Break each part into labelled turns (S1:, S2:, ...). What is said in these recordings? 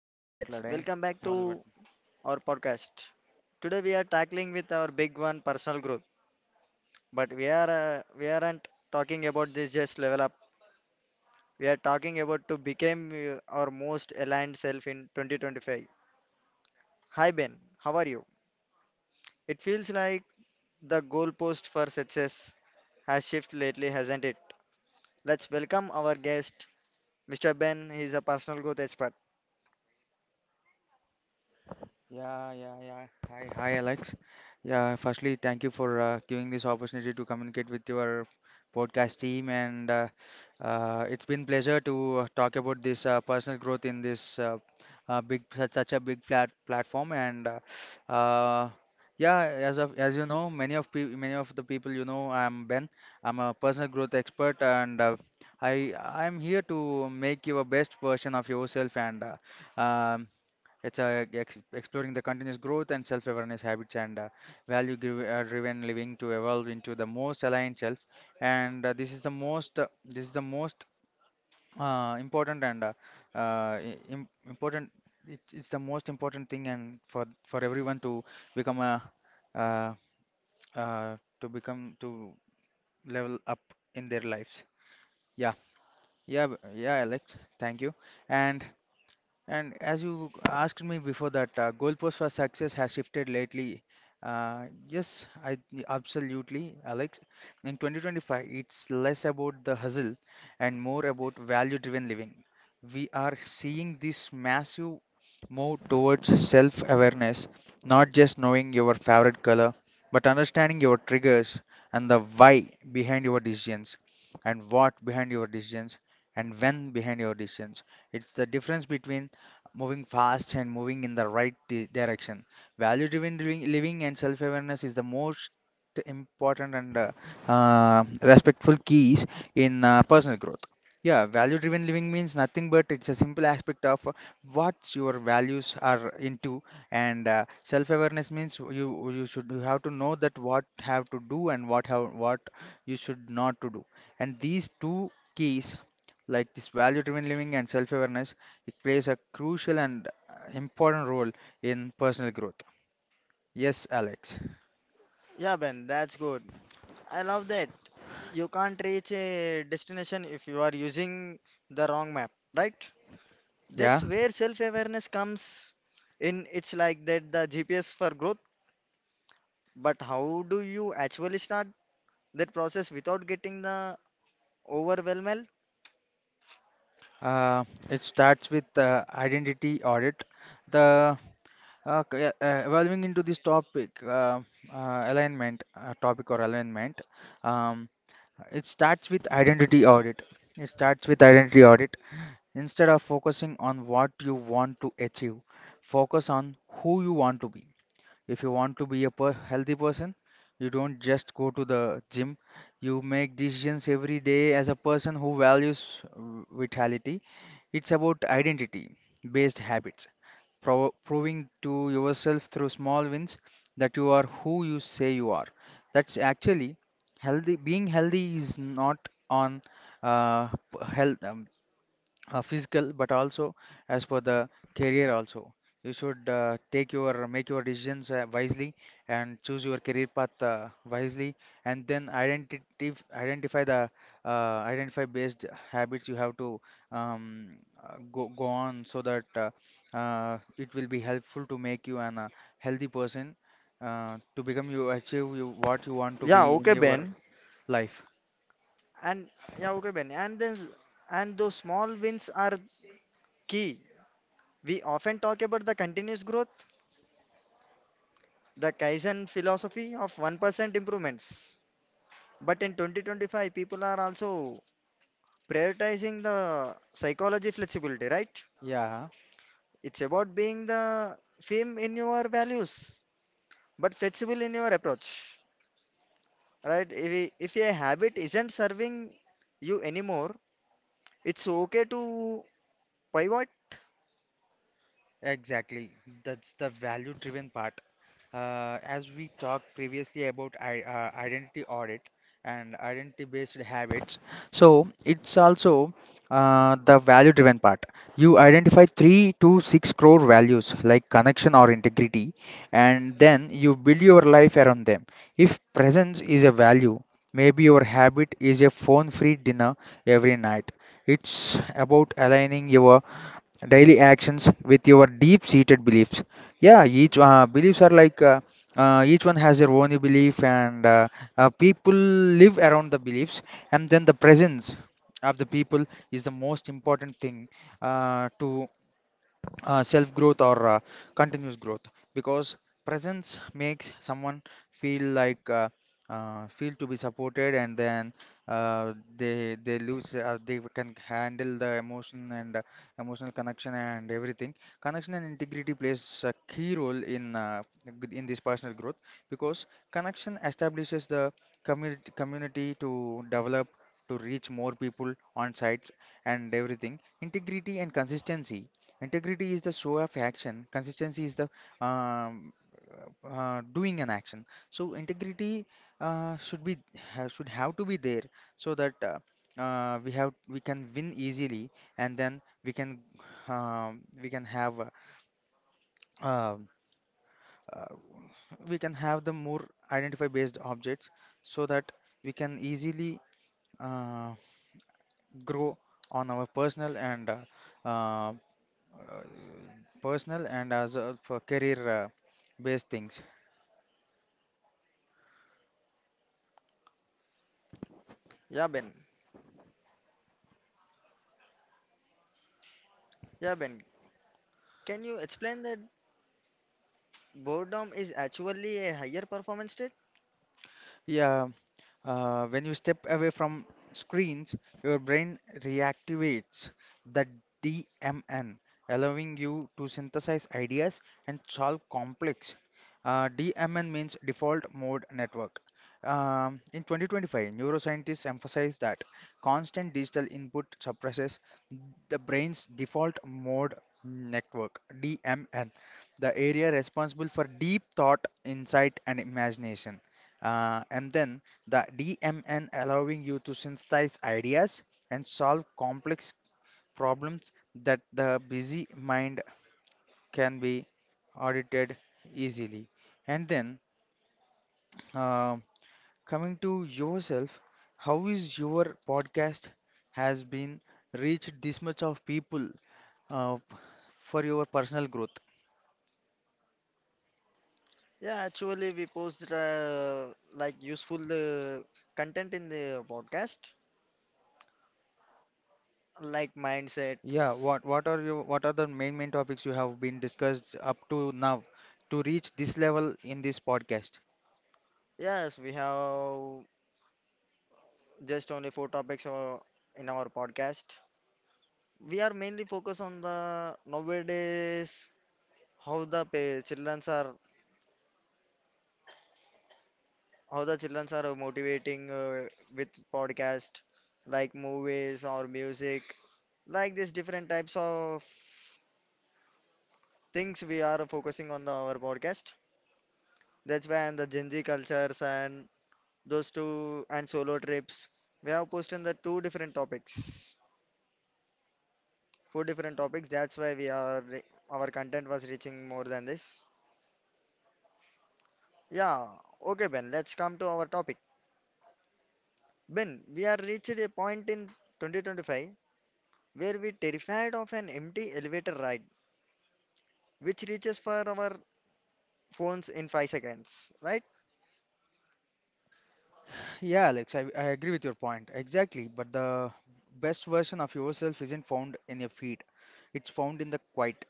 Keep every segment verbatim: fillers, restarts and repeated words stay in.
S1: చిన్నగా
S2: I'm Alex.
S1: మాట్లాడే
S2: Welcome back to
S1: మొదలు పెడతాను.
S2: our podcast. Today we are tackling with our big one, personal growth. But we are uh, we aren't talking about this just level up. We are talking about to become uh, our most aligned self in twenty twenty-five. Hi Ben, how are you? It feels like the goalpost for success has shifted lately, hasn't it? Let's welcome our guest, Mister Ben. He's a personal growth expert.
S1: Yeah, yeah, yeah. Hi, hi, Alex. Yeah, firstly, thank you for uh, giving this opportunity to communicate with your podcast team, and uh, uh, it's been pleasure to uh, talk about this uh, personal growth in this uh, uh, big such, such a big flat platform. And uh, uh, yeah, as of as you know, many of pe many of the people you know, I'm Ben. I'm a personal growth expert, and uh, I I'm here to make you a best version of yourself and. Uh, um, it's uh, ex- exploring the continuous growth and self awareness habits, and uh, value gri- uh, driven living to evolve into the most aligned self. And uh, this is the most, uh, this is the most uh, important and uh, uh, i- im- important. It, it's the most important thing, and for for everyone to become a uh, uh, to become to level up in their lives. Yeah, yeah, b- yeah, Alex. Thank you. And And as you asked me before that, uh, goalpost for success has shifted lately. Uh, yes, I absolutely, Alex. In twenty twenty-five, it's less about the hustle and more about value-driven living. We are seeing this massive move towards self-awareness, not just knowing your favorite color, but understanding your triggers, and the why behind your decisions, and what behind your decisions, and when behind your decisions. It's the difference between moving fast and moving in the right di- direction. Value driven living and self awareness is the most important and uh, uh, respectful keys in uh, personal growth. Yeah, value driven living means nothing but it's a simple aspect of uh, what your values are into, and uh, self awareness means you you should you have to know that what have to do, and what have what you should not to do, and these two keys, like this value driven living and self awareness, it plays a crucial and uh, important role in personal growth. Yes, Alex.
S2: Yeah, Ben, that's good. I love that. You can't reach a destination if you are using the wrong map, right?
S1: Yeah,
S2: That's where self-awareness comes in. It's like that the G P S for growth, but how do you actually start that process without getting the overwhelmed?
S1: uh, it starts with uh, identity audit, the uh, c- uh, uh, evolving into this topic, uh, uh, alignment uh, topic, or alignment. um, it starts with identity audit. it starts with identity audit Instead of focusing on what you want to achieve, focus on who you want to be. If you want to be a per healthy person, you don't just go to the gym. You make decisions every day as a person who values v- vitality. It's about identity based habits, pro- proving to yourself through small wins that you are who you say you are. That's actually healthy. Being healthy is not on uh, p- health. Um, uh, physical, but also as per the career also, you should uh, take your make your decisions uh, wisely, and choose your career path uh, wisely, and then identity identify the uh, identify based habits you have to um, uh, go, go on, so that uh, uh, it will be helpful to make you an uh, healthy person, uh, to become you achieve you what you want to be
S2: Yeah,
S1: in
S2: okay,
S1: your
S2: Ben.
S1: life.
S2: And yeah, okay, Ben. And then and those small wins are key. We often talk about the continuous growth, the Kaizen philosophy of one percent improvements. But in twenty twenty-five, people are also prioritizing the psychology flexibility, right?
S1: Yeah.
S2: It's about being the firm in your values, but flexible in your approach, right? If, i- if a habit isn't serving you anymore, it's okay to pivot.
S1: Exactly. That's the value-driven part. Uh, as we talked previously about, I uh, identity audit and identity-based habits, so it's also uh, the value-driven part. You identify three to six core values like connection or integrity, and then you build your life around them. If presence is a value, maybe your habit is a phone-free dinner every night. It's about aligning your daily actions with your deep seated beliefs. Yeah, each uh, beliefs are like uh, uh, each one has their own belief, and uh, uh, people live around the beliefs, and then the presence of the people is the most important thing uh, to uh, self growth or uh, continuous growth, because presence makes someone feel like uh, uh, feel to be supported, and then uh, they they lose uh, they can handle the emotion and uh, emotional connection and everything. Connection and integrity plays a key role in uh, g- in this personal growth, because connection establishes the community community to develop, to reach more people on sites and everything. Integrity and consistency. Integrity is the show of action. Consistency is the um, uh, doing an action. So integrity uh, should be ha- should have to be there, so that uh, uh, we have we can win easily, and then we can um, we can have uh, um, uh, we can have the more identify based objects, so that we can easily uh, grow on our personal and uh, uh, uh, personal, and as uh, for career uh, based things.
S2: Yeah, Ben. Yeah, Ben. Can you explain that boredom is actually a higher performance state?
S1: Yeah. Uh, when you step away from screens, your brain reactivates the D M N, allowing you to synthesize ideas and solve complex. Uh, D M N means default mode network. Um, in twenty twenty-five, neuroscientists emphasize that constant digital input suppresses the brain's default mode network D M N, the area responsible for deep thought, insight, and imagination. Uh, and then the D M N allowing you to synthesize ideas and solve complex problems that the busy mind can be audited easily. And then uh, coming to yourself, how is your podcast has been reached this much of people uh, for your personal growth?
S2: Yeah, actually, we post uh, like useful uh, content in the podcast, like
S1: Yeah,
S2: mindsets.
S1: what what are your what are the main main topics you have been discussed up to now to reach this level in this podcast?
S2: Yes, we have just only four topics uh, in our podcast. We are mainly focused on the nowadays how the pa- childrens are how the childrens are motivating uh, with podcast like movies or music like these different types of things we are focusing on the, our podcast. That's why and the Gen Z cultures and those two and solo trips. We have posted the two different topics, four different topics. That's why we are re- our content was reaching more than this. Yeah, okay, Ben, let's come to our topic. Ben, we are reached a point in twenty twenty-five where we terrified of an empty elevator ride which reaches for our phones in five seconds, right?
S1: Yeah, Alex, I, I agree with your point. Exactly. But the best version of yourself isn't found in your feed, it's found in the quiet,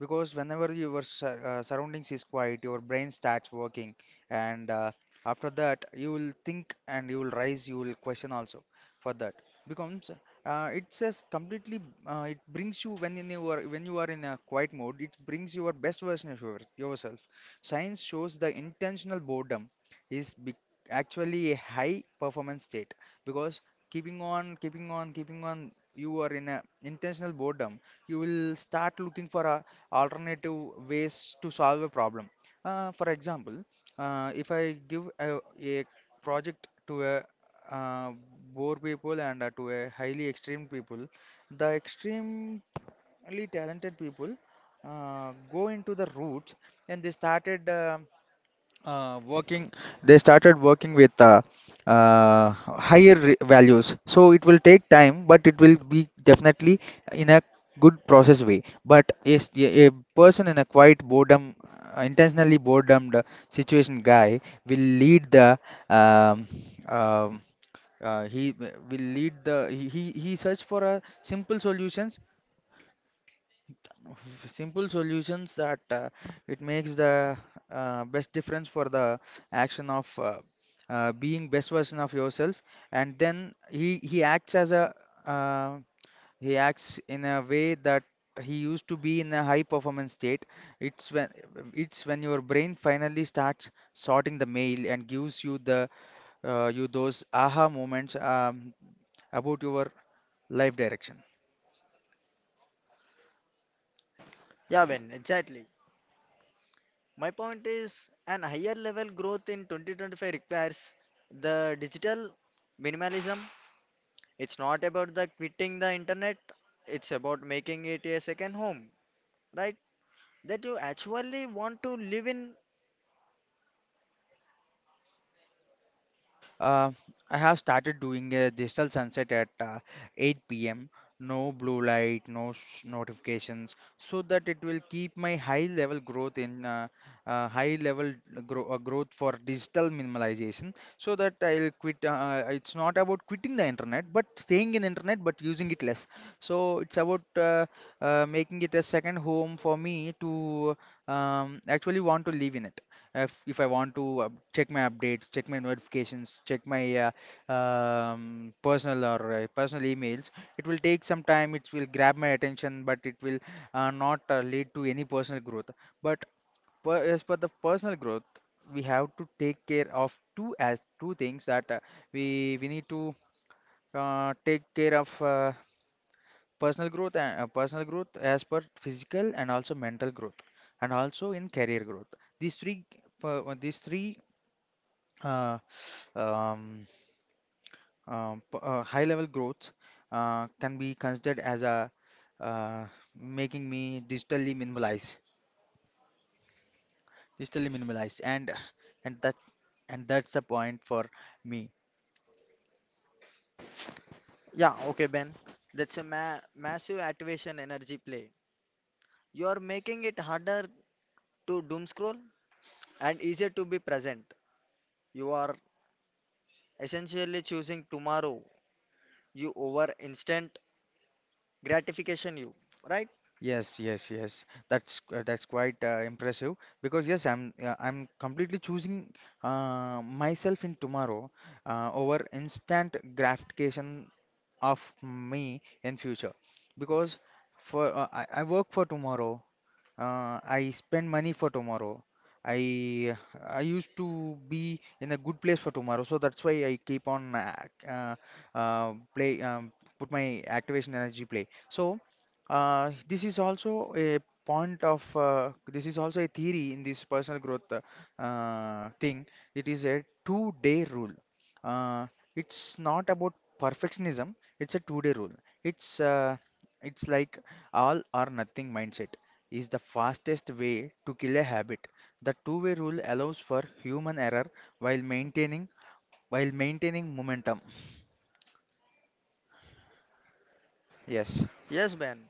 S1: because whenever your sur- uh, surroundings is quiet, your brain starts working, and uh, after that you will think, and you will rise, you will question also, for that becomes uh, it says completely, uh, it brings you, when in your, when you are in a quiet mode, it brings your best version of your, yourself. Science shows the intentional boredom is be- actually a high performance state, because keeping on, keeping on, keeping on, you are in a intentional boredom, you will start looking for a alternative ways to solve a problem. Uh, for example, uh, if I give a, a project to a uh, poor people, and uh, to a highly extreme people, the extremely talented people uh, go into the roots, and they started uh, uh, working they started working with uh, uh, higher re- values, so it will take time, but it will be definitely in a good process way. But yes, a a person in a quiet boredom, uh, intentionally boredom, the situation guy will lead the um, um, uh, he w- will lead the, he, he he search for a simple solutions. Simple solutions that uh, it makes the uh, best difference for the action of uh, uh, being best version of yourself, and then he he acts as a uh, he acts in a way that he used to be in a high performance state. It's when it's when your brain finally starts sorting the mail and gives you the, uh, you those aha moments, um, about your life direction.
S2: Yeah, Ben, exactly. My point is an higher level growth in twenty twenty-five requires the digital minimalism. It's not about the quitting the internet, it's about making it a second home, right? That you actually want to live in.
S1: Uh, I have started doing a digital sunset at uh, eight p m. No blue light, no sh notifications, so that it will keep my high level growth in uh, uh, high level grow, uh, growth for digital minimalization. So that I'll quit. Uh, uh, it's not about quitting the internet, but staying in internet, but using it less. So it's about uh, uh, making it a second home for me to um, actually want to live in it, if if I want to uh, check my updates, check my notifications, check my uh, um, personal or uh, personal emails, it will take some time. It will grab my attention, but it will uh, not uh, lead to any personal growth. But per, as per the personal growth, we have to take care of two as two things, that uh, we we need to uh, take care of uh, personal growth, and uh, personal growth as per physical and also mental growth, and also in career growth. These three. per- uh, these three uh, um, um, p- uh, high level growth uh, can be considered as a uh, making me digitally minimalized, digitally minimalized and and that and that's the point for me.
S2: Yeah, okay, Ben. That's a ma massive activation energy play. You are making it harder to doom scroll and easier to be present. You are essentially choosing tomorrow. You over instant gratification, you right?
S1: Yes, yes, yes, that's uh, that's quite uh, impressive, because yes, i'm uh, I'm completely choosing uh, myself in tomorrow, uh, over instant gratification of me in future, because for uh, I, I work for tomorrow. Uh, I spend money for tomorrow. I I used to be in a good place for tomorrow, so that's why I keep on ac- uh, uh, play um, put my activation energy play. So uh, this is also a point of uh, this is also a theory in this personal growth, uh, uh, thing. It is a two-day rule. Uh, it's not about perfectionism. It's a two-day rule. It's uh, it's like all or nothing mindset is the fastest way to kill a habit. The two-way rule allows for human error while maintaining while maintaining momentum. Yes,
S2: Yes, Ben.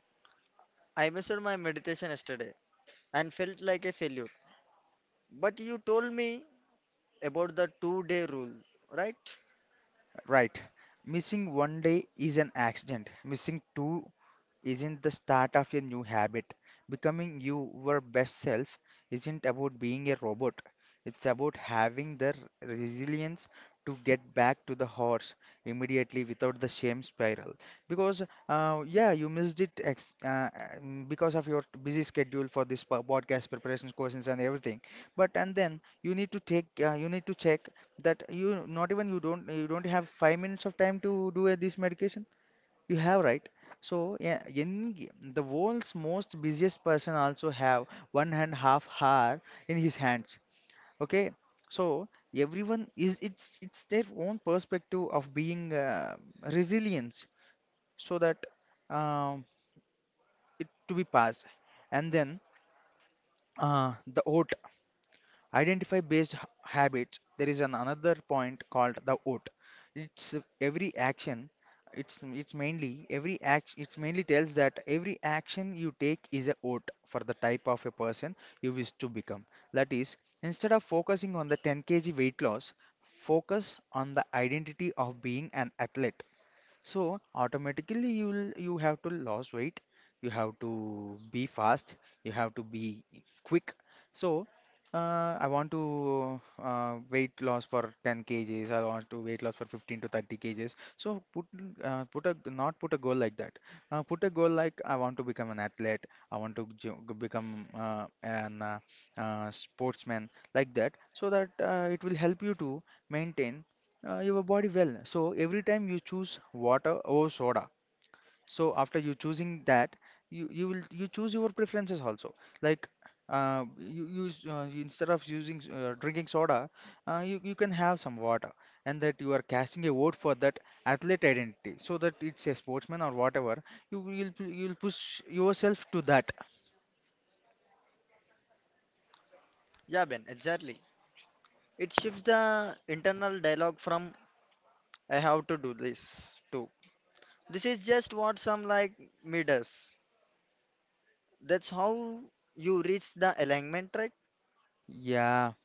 S2: I missed my meditation yesterday and felt like a failure. But you told me about the two-day rule, right?
S1: right. Missing one day is an accident. Missing two isn't the start of a new habit. Becoming your best self isn't about being a robot, it's about having the r- resilience to get back to the horse immediately without the shame spiral. Because, uh, yeah, you missed it ex- uh, um, because of your busy schedule for this po- podcast preparations, questions, and everything. But and then you need to take, uh, you need to check that you not even you don't you don't have five minutes of time to do uh, this medication you have right. So yeah, in g- the world's most busiest person also have one and half hour in his hands. Okay, so everyone is it's it's their own perspective of being uh, resilience, so that um it to be passed. And then uh, the oat. identify based h- habits, there is an another point called the vote. it's every action it's it's mainly every act it's mainly tells that every action you take is a vote for the type of a person you wish to become. That is, instead of focusing on the ten k g weight loss, focus on the identity of being an athlete, so automatically you will you have to lose weight, you have to be fast, you have to be quick. So uh, I want to uh, weight loss for ten kgs. I want to weight loss for fifteen to thirty kgs. So put uh, put a not put a goal like that. Uh, put a goal like I want to become an athlete. I want to jo- become uh, an uh, uh, sportsman like that. So that, uh, it will help you to maintain, uh, your body well. So every time you choose water over soda, so after you choosing that, you you will you choose your preferences also. Like uh, you use uh, you- instead of using s- uh, drinking soda, uh, you you can have some water, and that you are casting a vote for that athlete identity, so that it's a sportsman or whatever. You will you'll pu- you'll push yourself to that.
S2: Yeah, Ben, exactly. It shifts the internal dialogue from I have to do this to this is just what some like me does. That's how you reach the alignment, right?
S1: Yeah.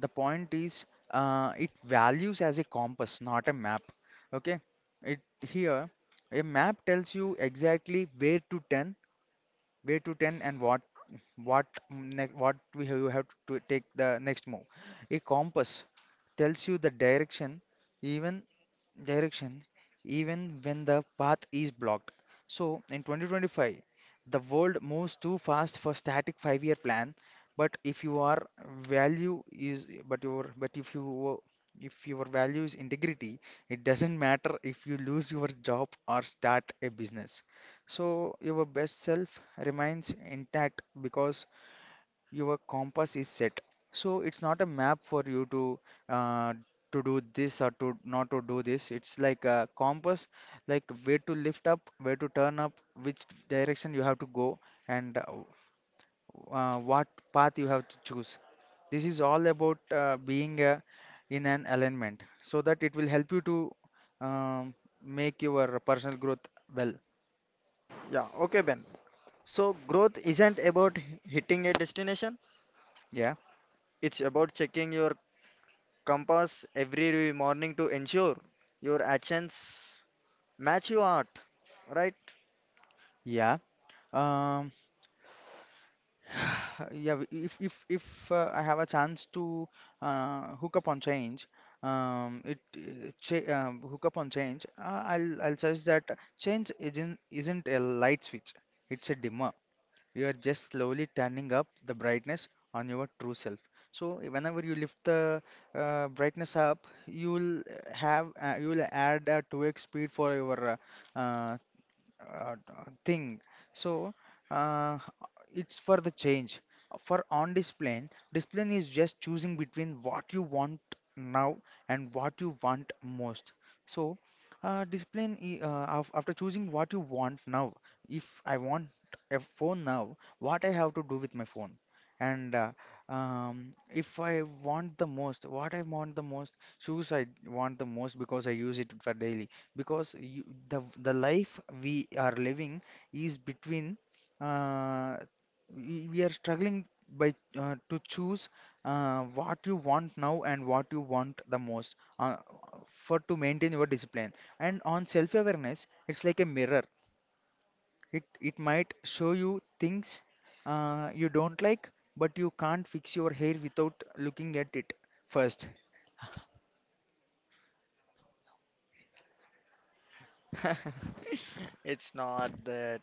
S1: The point is, uh, it values as a compass, not a map. Okay, it here, a map tells you exactly where to turn, where to turn, and what what ne what we have, you have to take the next move. A compass tells you the direction, even direction even when the path is blocked. So, in twenty twenty-five, the world moves too fast for static five-year plan. But if you are value is but your but if you if your value is integrity, it doesn't matter if you lose your job or start a business. So your best self remains intact because your compass is set. So it's not a map for you to uh, to do this or to not to do this. It's like a compass, like where to lift up, where to turn up, which direction you have to go, and uh, uh, what path you have to choose. This is all about uh, being uh, in an alignment, so that it will help you to um, make your personal growth well.
S2: Yeah, okay, Ben. So, growth isn't about h- hitting a destination,
S1: Yeah,
S2: it's about checking your compass every morning to ensure your actions match your art, right?
S1: yeah. Um, Yeah, w- if if if uh, I have a chance to uh, hook up on change, um, it uh, cha- um, hook up on change, uh, I'll I'll suggest that change isn't isn't a light switch. It's a dimmer. You are just slowly turning up the brightness on your true self. So whenever you lift the uh, brightness up, you'll have uh, you'll add a two x speed for your uh, uh, uh, thing. So uh, it's for the change. For on display, display is just choosing between what you want now and what you want most. So, uh, display i- uh, af- after choosing what you want now, if I want a phone now, what I have to do with my phone, and uh, um, if I want the most, what I want the most, shoes I want the most because I use it for daily, because you, the the life we are living is between, uh, we, we are struggling by, uh, to choose, uh, what you want now and what you want the most, uh, for to maintain your discipline. And on self-awareness, it's like a mirror. It it might show you things, uh, you don't like, but you can't fix your hair without looking at it first.
S2: It's not that,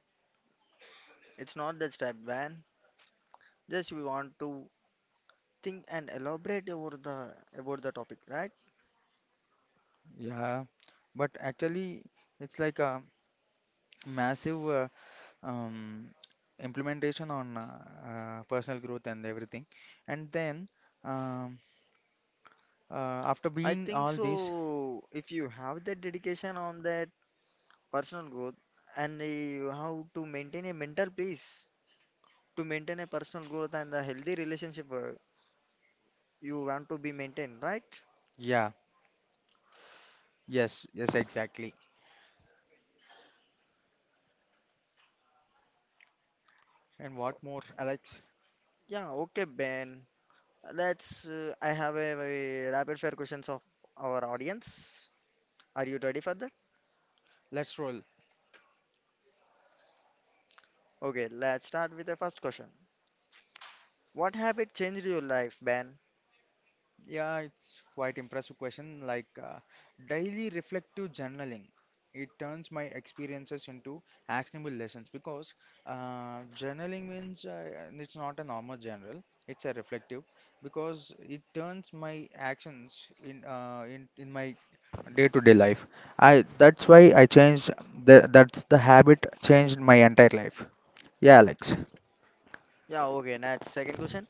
S2: it's not that step, Ben. Just we want to think and elaborate over the about the topic, right?
S1: Yeah, but actually it's like a massive uh, um, implementation on uh, uh, personal growth and everything. And then um, uh, after
S2: I
S1: being
S2: think
S1: all this,
S2: so. If you have that dedication on that personal growth and the, how to maintain a mental peace to maintain a personal growth and a healthy relationship uh, you want to be maintained, right?
S1: yeah, yes, yes, exactly. And what more, Alex?
S2: Yeah, okay, Ben. Let's uh, I have a, a rapid fire questions of our audience, are you ready for that?
S1: Let's roll.
S2: Okay, let's start with the first question. What habit changed your life, Ben?
S1: Yeah, it's quite impressive question. Like uh, daily reflective journaling, it turns my experiences into actionable lessons, because uh, journaling means, uh, it's not a normal journal; it's a reflective, because it turns my actions in, uh, in in my day-to-day life. I that's why I changed the that's the habit changed my entire life. Yeah, Alex.
S2: Yeah, okay, next second question.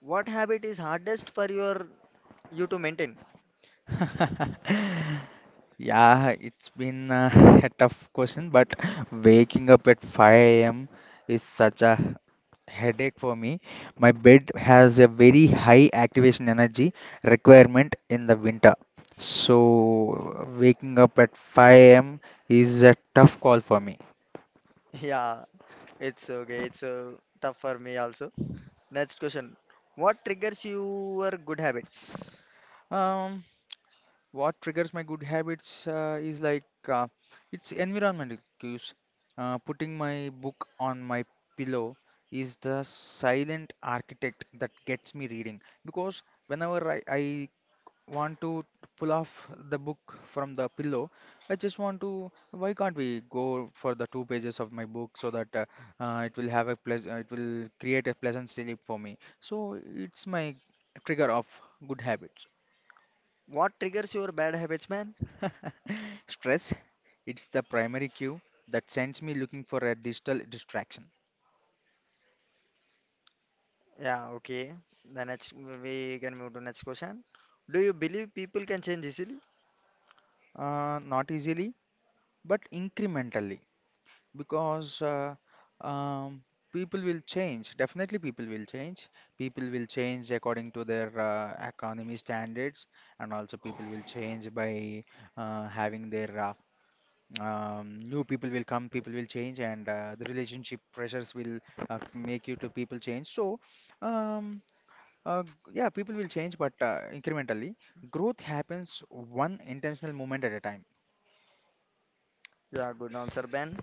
S2: What habit is hardest for your you to maintain?
S1: Yeah, it's been uh, a tough question, but waking up at five a m is such a headache for me. My bed has a very high activation energy requirement in the winter. So, waking up at five a m is a tough call for me.
S2: Yeah, it's okay. It's uh, tough for me also. Next question. What triggers your good habits?
S1: Um, What triggers my good habits uh, is like, uh, it's environmental cues. Uh, putting my book on my pillow is the silent architect that gets me reading, because whenever I, I want to pull off the book from the pillow, I just want to. Why can't we go for the two pages of my book, so that uh, uh, it will have a pleasant, it will create a pleasant sleep for me. So it's my trigger of good habits.
S2: What triggers your bad habits, man?
S1: Stress, it's the primary cue that sends me looking for a digital distraction.
S2: Yeah, okay. The next we can move to next question. Do you believe people can change easily?
S1: Uh, not easily, but incrementally, because uh, um, people will change. Definitely, people will change. People will change according to their uh, economy standards, and also people will change by uh, having their uh, um, new people will come, people will change, and uh, the relationship pressures will uh, make you to people change. So. Um, Uh, yeah, people will change, but uh, incrementally, growth happens one intentional moment at a time.
S2: Yeah, good answer, Ben.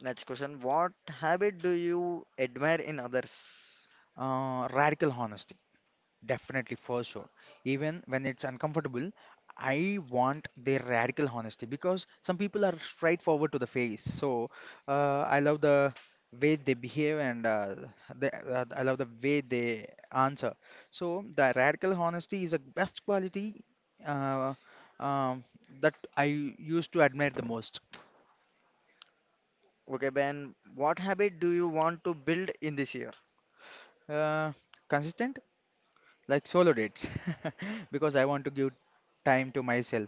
S2: Next question. What habit do you admire in others?
S1: Uh, radical honesty, definitely for sure. Even when it's uncomfortable, I want their radical honesty because some people are straightforward to the face. So uh, I love the way they behave, and uh, the, uh, I love the way they answer. So the radical honesty is the best quality uh, um, that I used to admire the most.
S2: Okay, Ben. What habit do you want to build in this year?
S1: Uh, Consistent, like solo dates, because I want to give time to myself,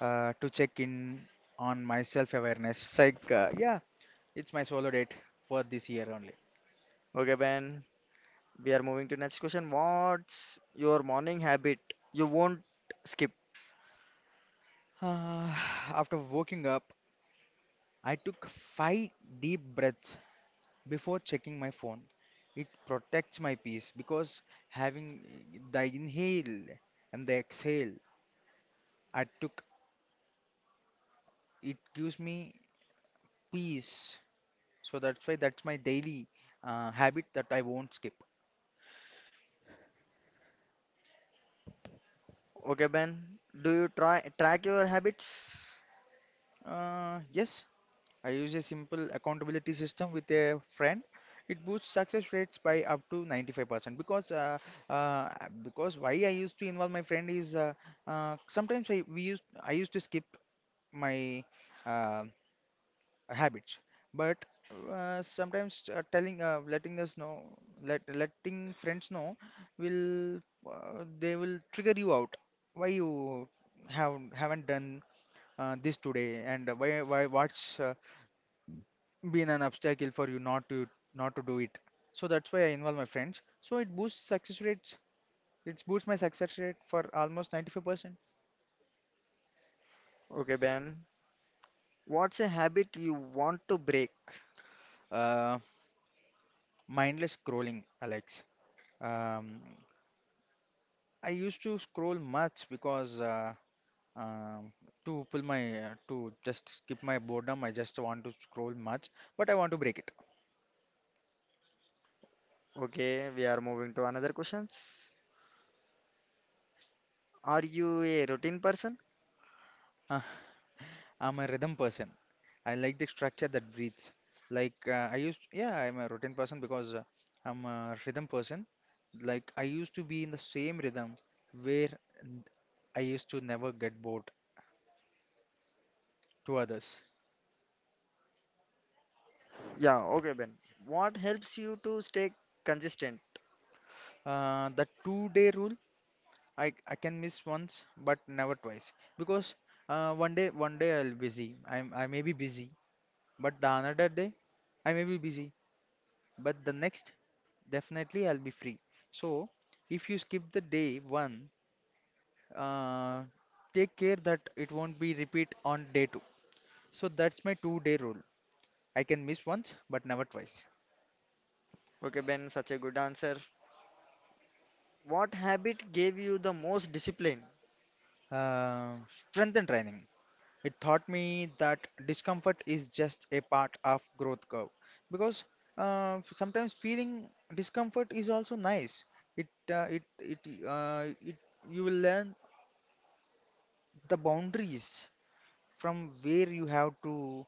S1: uh, to check in on my self-awareness. It's like, uh, yeah, it's my solo date for this year only.
S2: Okay, Ben. We are moving to next question. What's your morning habit you won't skip?
S1: Uh, After waking up, I took five deep breaths before checking my phone. It protects my peace, because having the inhale and the exhale I took, it gives me peace. So that's why that's my daily uh, habit that I won't skip.
S2: Okay, Ben. Do you try track your habits?
S1: Uh, yes, I use a simple accountability system with a friend. It boosts success rates by up to ninety-five percent, because uh, uh, because why I used to involve my friend is, uh, uh, sometimes I we used I used to skip my um, habits, but uh, sometimes, uh, telling uh, letting us know, let letting friends know will, uh, they will trigger you out, why you have haven't done uh, this today, and why why what's uh, been an obstacle for you not to not to do it, so that's why I involve my friends, so it boosts success rates, it boosts my success rate for almost ninety-five percent.
S2: Okay, Ben. What's a habit you want to break?
S1: uh, Mindless scrolling, Alex. um, I used to scroll much, because uh, Um, to pull my uh, to just skip my boredom, I just want to scroll much, but I want to break it.
S2: Okay, we are moving to another questions. Are you a routine person?
S1: Uh, I'm a rhythm person. I like the structure that breathes. Like uh, I used, yeah, I'm a routine person because uh, I'm a rhythm person. Like I used to be in the same rhythm where n- I used to never get bored to others.
S2: Yeah, okay, Ben. What helps you to stay consistent?
S1: Uh, the two-day rule, I I can miss once but never twice, because uh, one day one day I'll busy. I'm I may be busy, but the another day. I may be busy, but the next, definitely I'll be free. So if you skip the day one, uh, take care that it won't be repeat on day two. So that's my two-day rule. I can miss once, but never twice.
S2: Okay, Ben, such a good answer. What habit gave you the most discipline?
S1: Uh, strength and training. It taught me that discomfort is just a part of growth curve, because uh, sometimes feeling discomfort is also nice. It uh, it it uh, it you will learn the boundaries, from where you have to,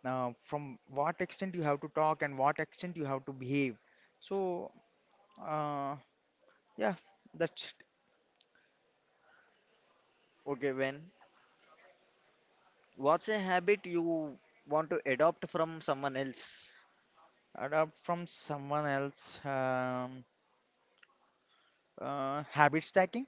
S1: uh, from what extent you have to talk and what extent you have to behave, so uh, yeah, that's it.
S2: Okay, Ben. What's a habit you want to adopt from someone else?
S1: Adopt from someone else, um, uh, habit stacking.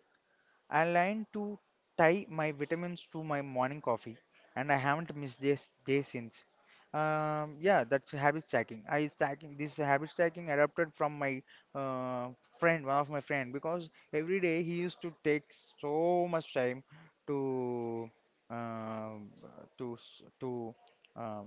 S1: I learned to tie my vitamins to my morning coffee, and I haven't missed this day since. Um, yeah, that's habit stacking. I stacking this habit stacking adapted from my uh, friend, one of my friend, because every day he used to take so much time to uh, to s- to um,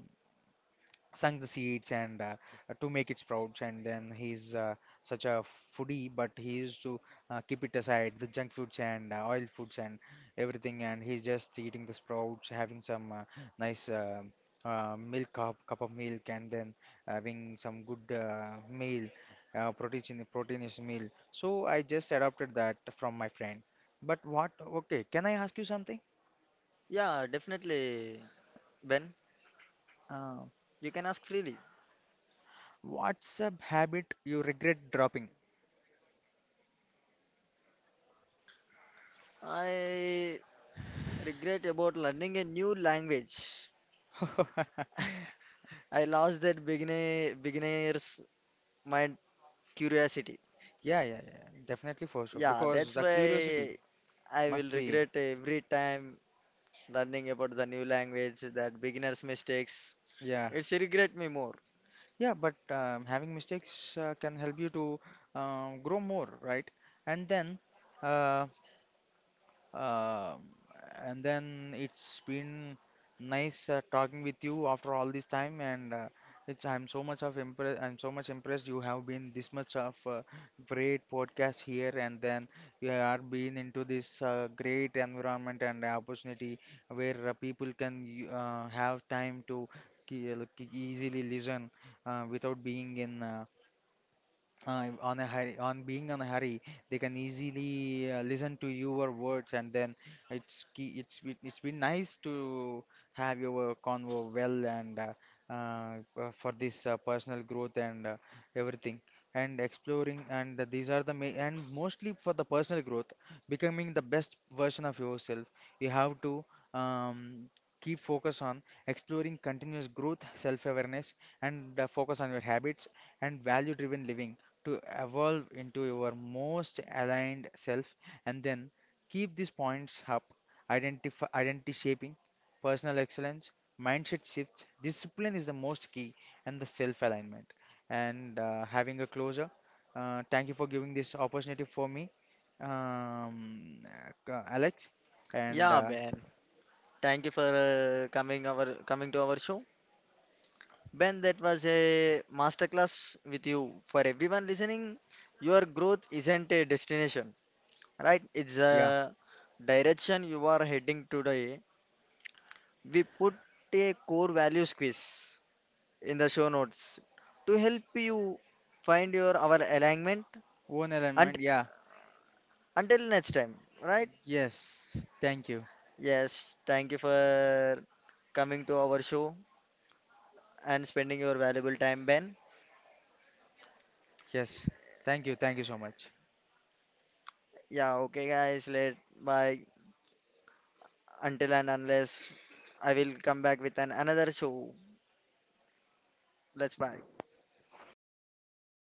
S1: sunk the seeds, and uh, to make it sprouts, and then he's uh, such a foodie, but he used to uh, keep it aside the junk foods and uh, oil foods and everything, and he's just eating the sprouts, having some uh, nice uh, uh, milk cup, cup of milk, and then having some good uh, meal, uh, protein proteinous meal. So I just adopted that from my friend. But what, okay, can I ask you something?
S2: Yeah, definitely, Ben.
S1: uh,
S2: You can ask freely.
S1: what's a habit you regret dropping?
S2: I regret about learning a new language. I lost that beginner beginner's mind curiosity.
S1: Yeah, yeah, yeah, definitely for sure.
S2: Yeah,
S1: Because the
S2: that's
S1: curiosity
S2: why I
S1: must
S2: will
S1: be,
S2: regret every time learning about the new language, that beginner's mistakes.
S1: yeah,
S2: It's regret me more.
S1: yeah. But um, having mistakes uh, can help you to um, grow more, right? And then, um, Um and then it's been nice uh, talking with you after all this time, and uh, it's I'm so much of impressed. I'm so much impressed you have been this much of uh, great podcast here, and then you are being into this uh, great environment and opportunity, where uh, people can y- uh, have time to ki- uh, ki- easily listen, uh, without being in, uh, uh, on a hurry, on being on a hurry, they can easily uh, listen to your words, and then it's key, it's be- it's been nice to have your convo well, and uh, uh, uh, for this uh, personal growth and uh, everything, and exploring, and these are the ma and mostly for the personal growth, becoming the best version of yourself. You have to um, keep focus on exploring continuous growth, self-awareness, and uh, focus on your habits and value-driven living, to evolve into your most aligned self, and then keep these points up: identify identity shaping, personal excellence, mindset shifts. Discipline is the most key, and the self alignment, and uh, having a closure. Uh, thank you for giving this opportunity for me, um, uh, Alex, and
S2: Yeah,
S1: uh,
S2: Ben. Thank you for uh, coming our coming to our show. Ben, that was a masterclass with you. For everyone listening, your growth isn't a destination, right? It's
S1: yeah,
S2: a direction you are heading today. We put a core values quiz in the show notes to help you find your our alignment.
S1: own alignment.
S2: And
S1: Yeah.
S2: until next time, right?
S1: Yes, thank you.
S2: Yes, thank you for coming to our show and spending your valuable time, Ben.
S1: Yes, thank you, thank you so much.
S2: Yeah, okay, guys. Let bye. Until and unless I will come back with an another show. Let's bye.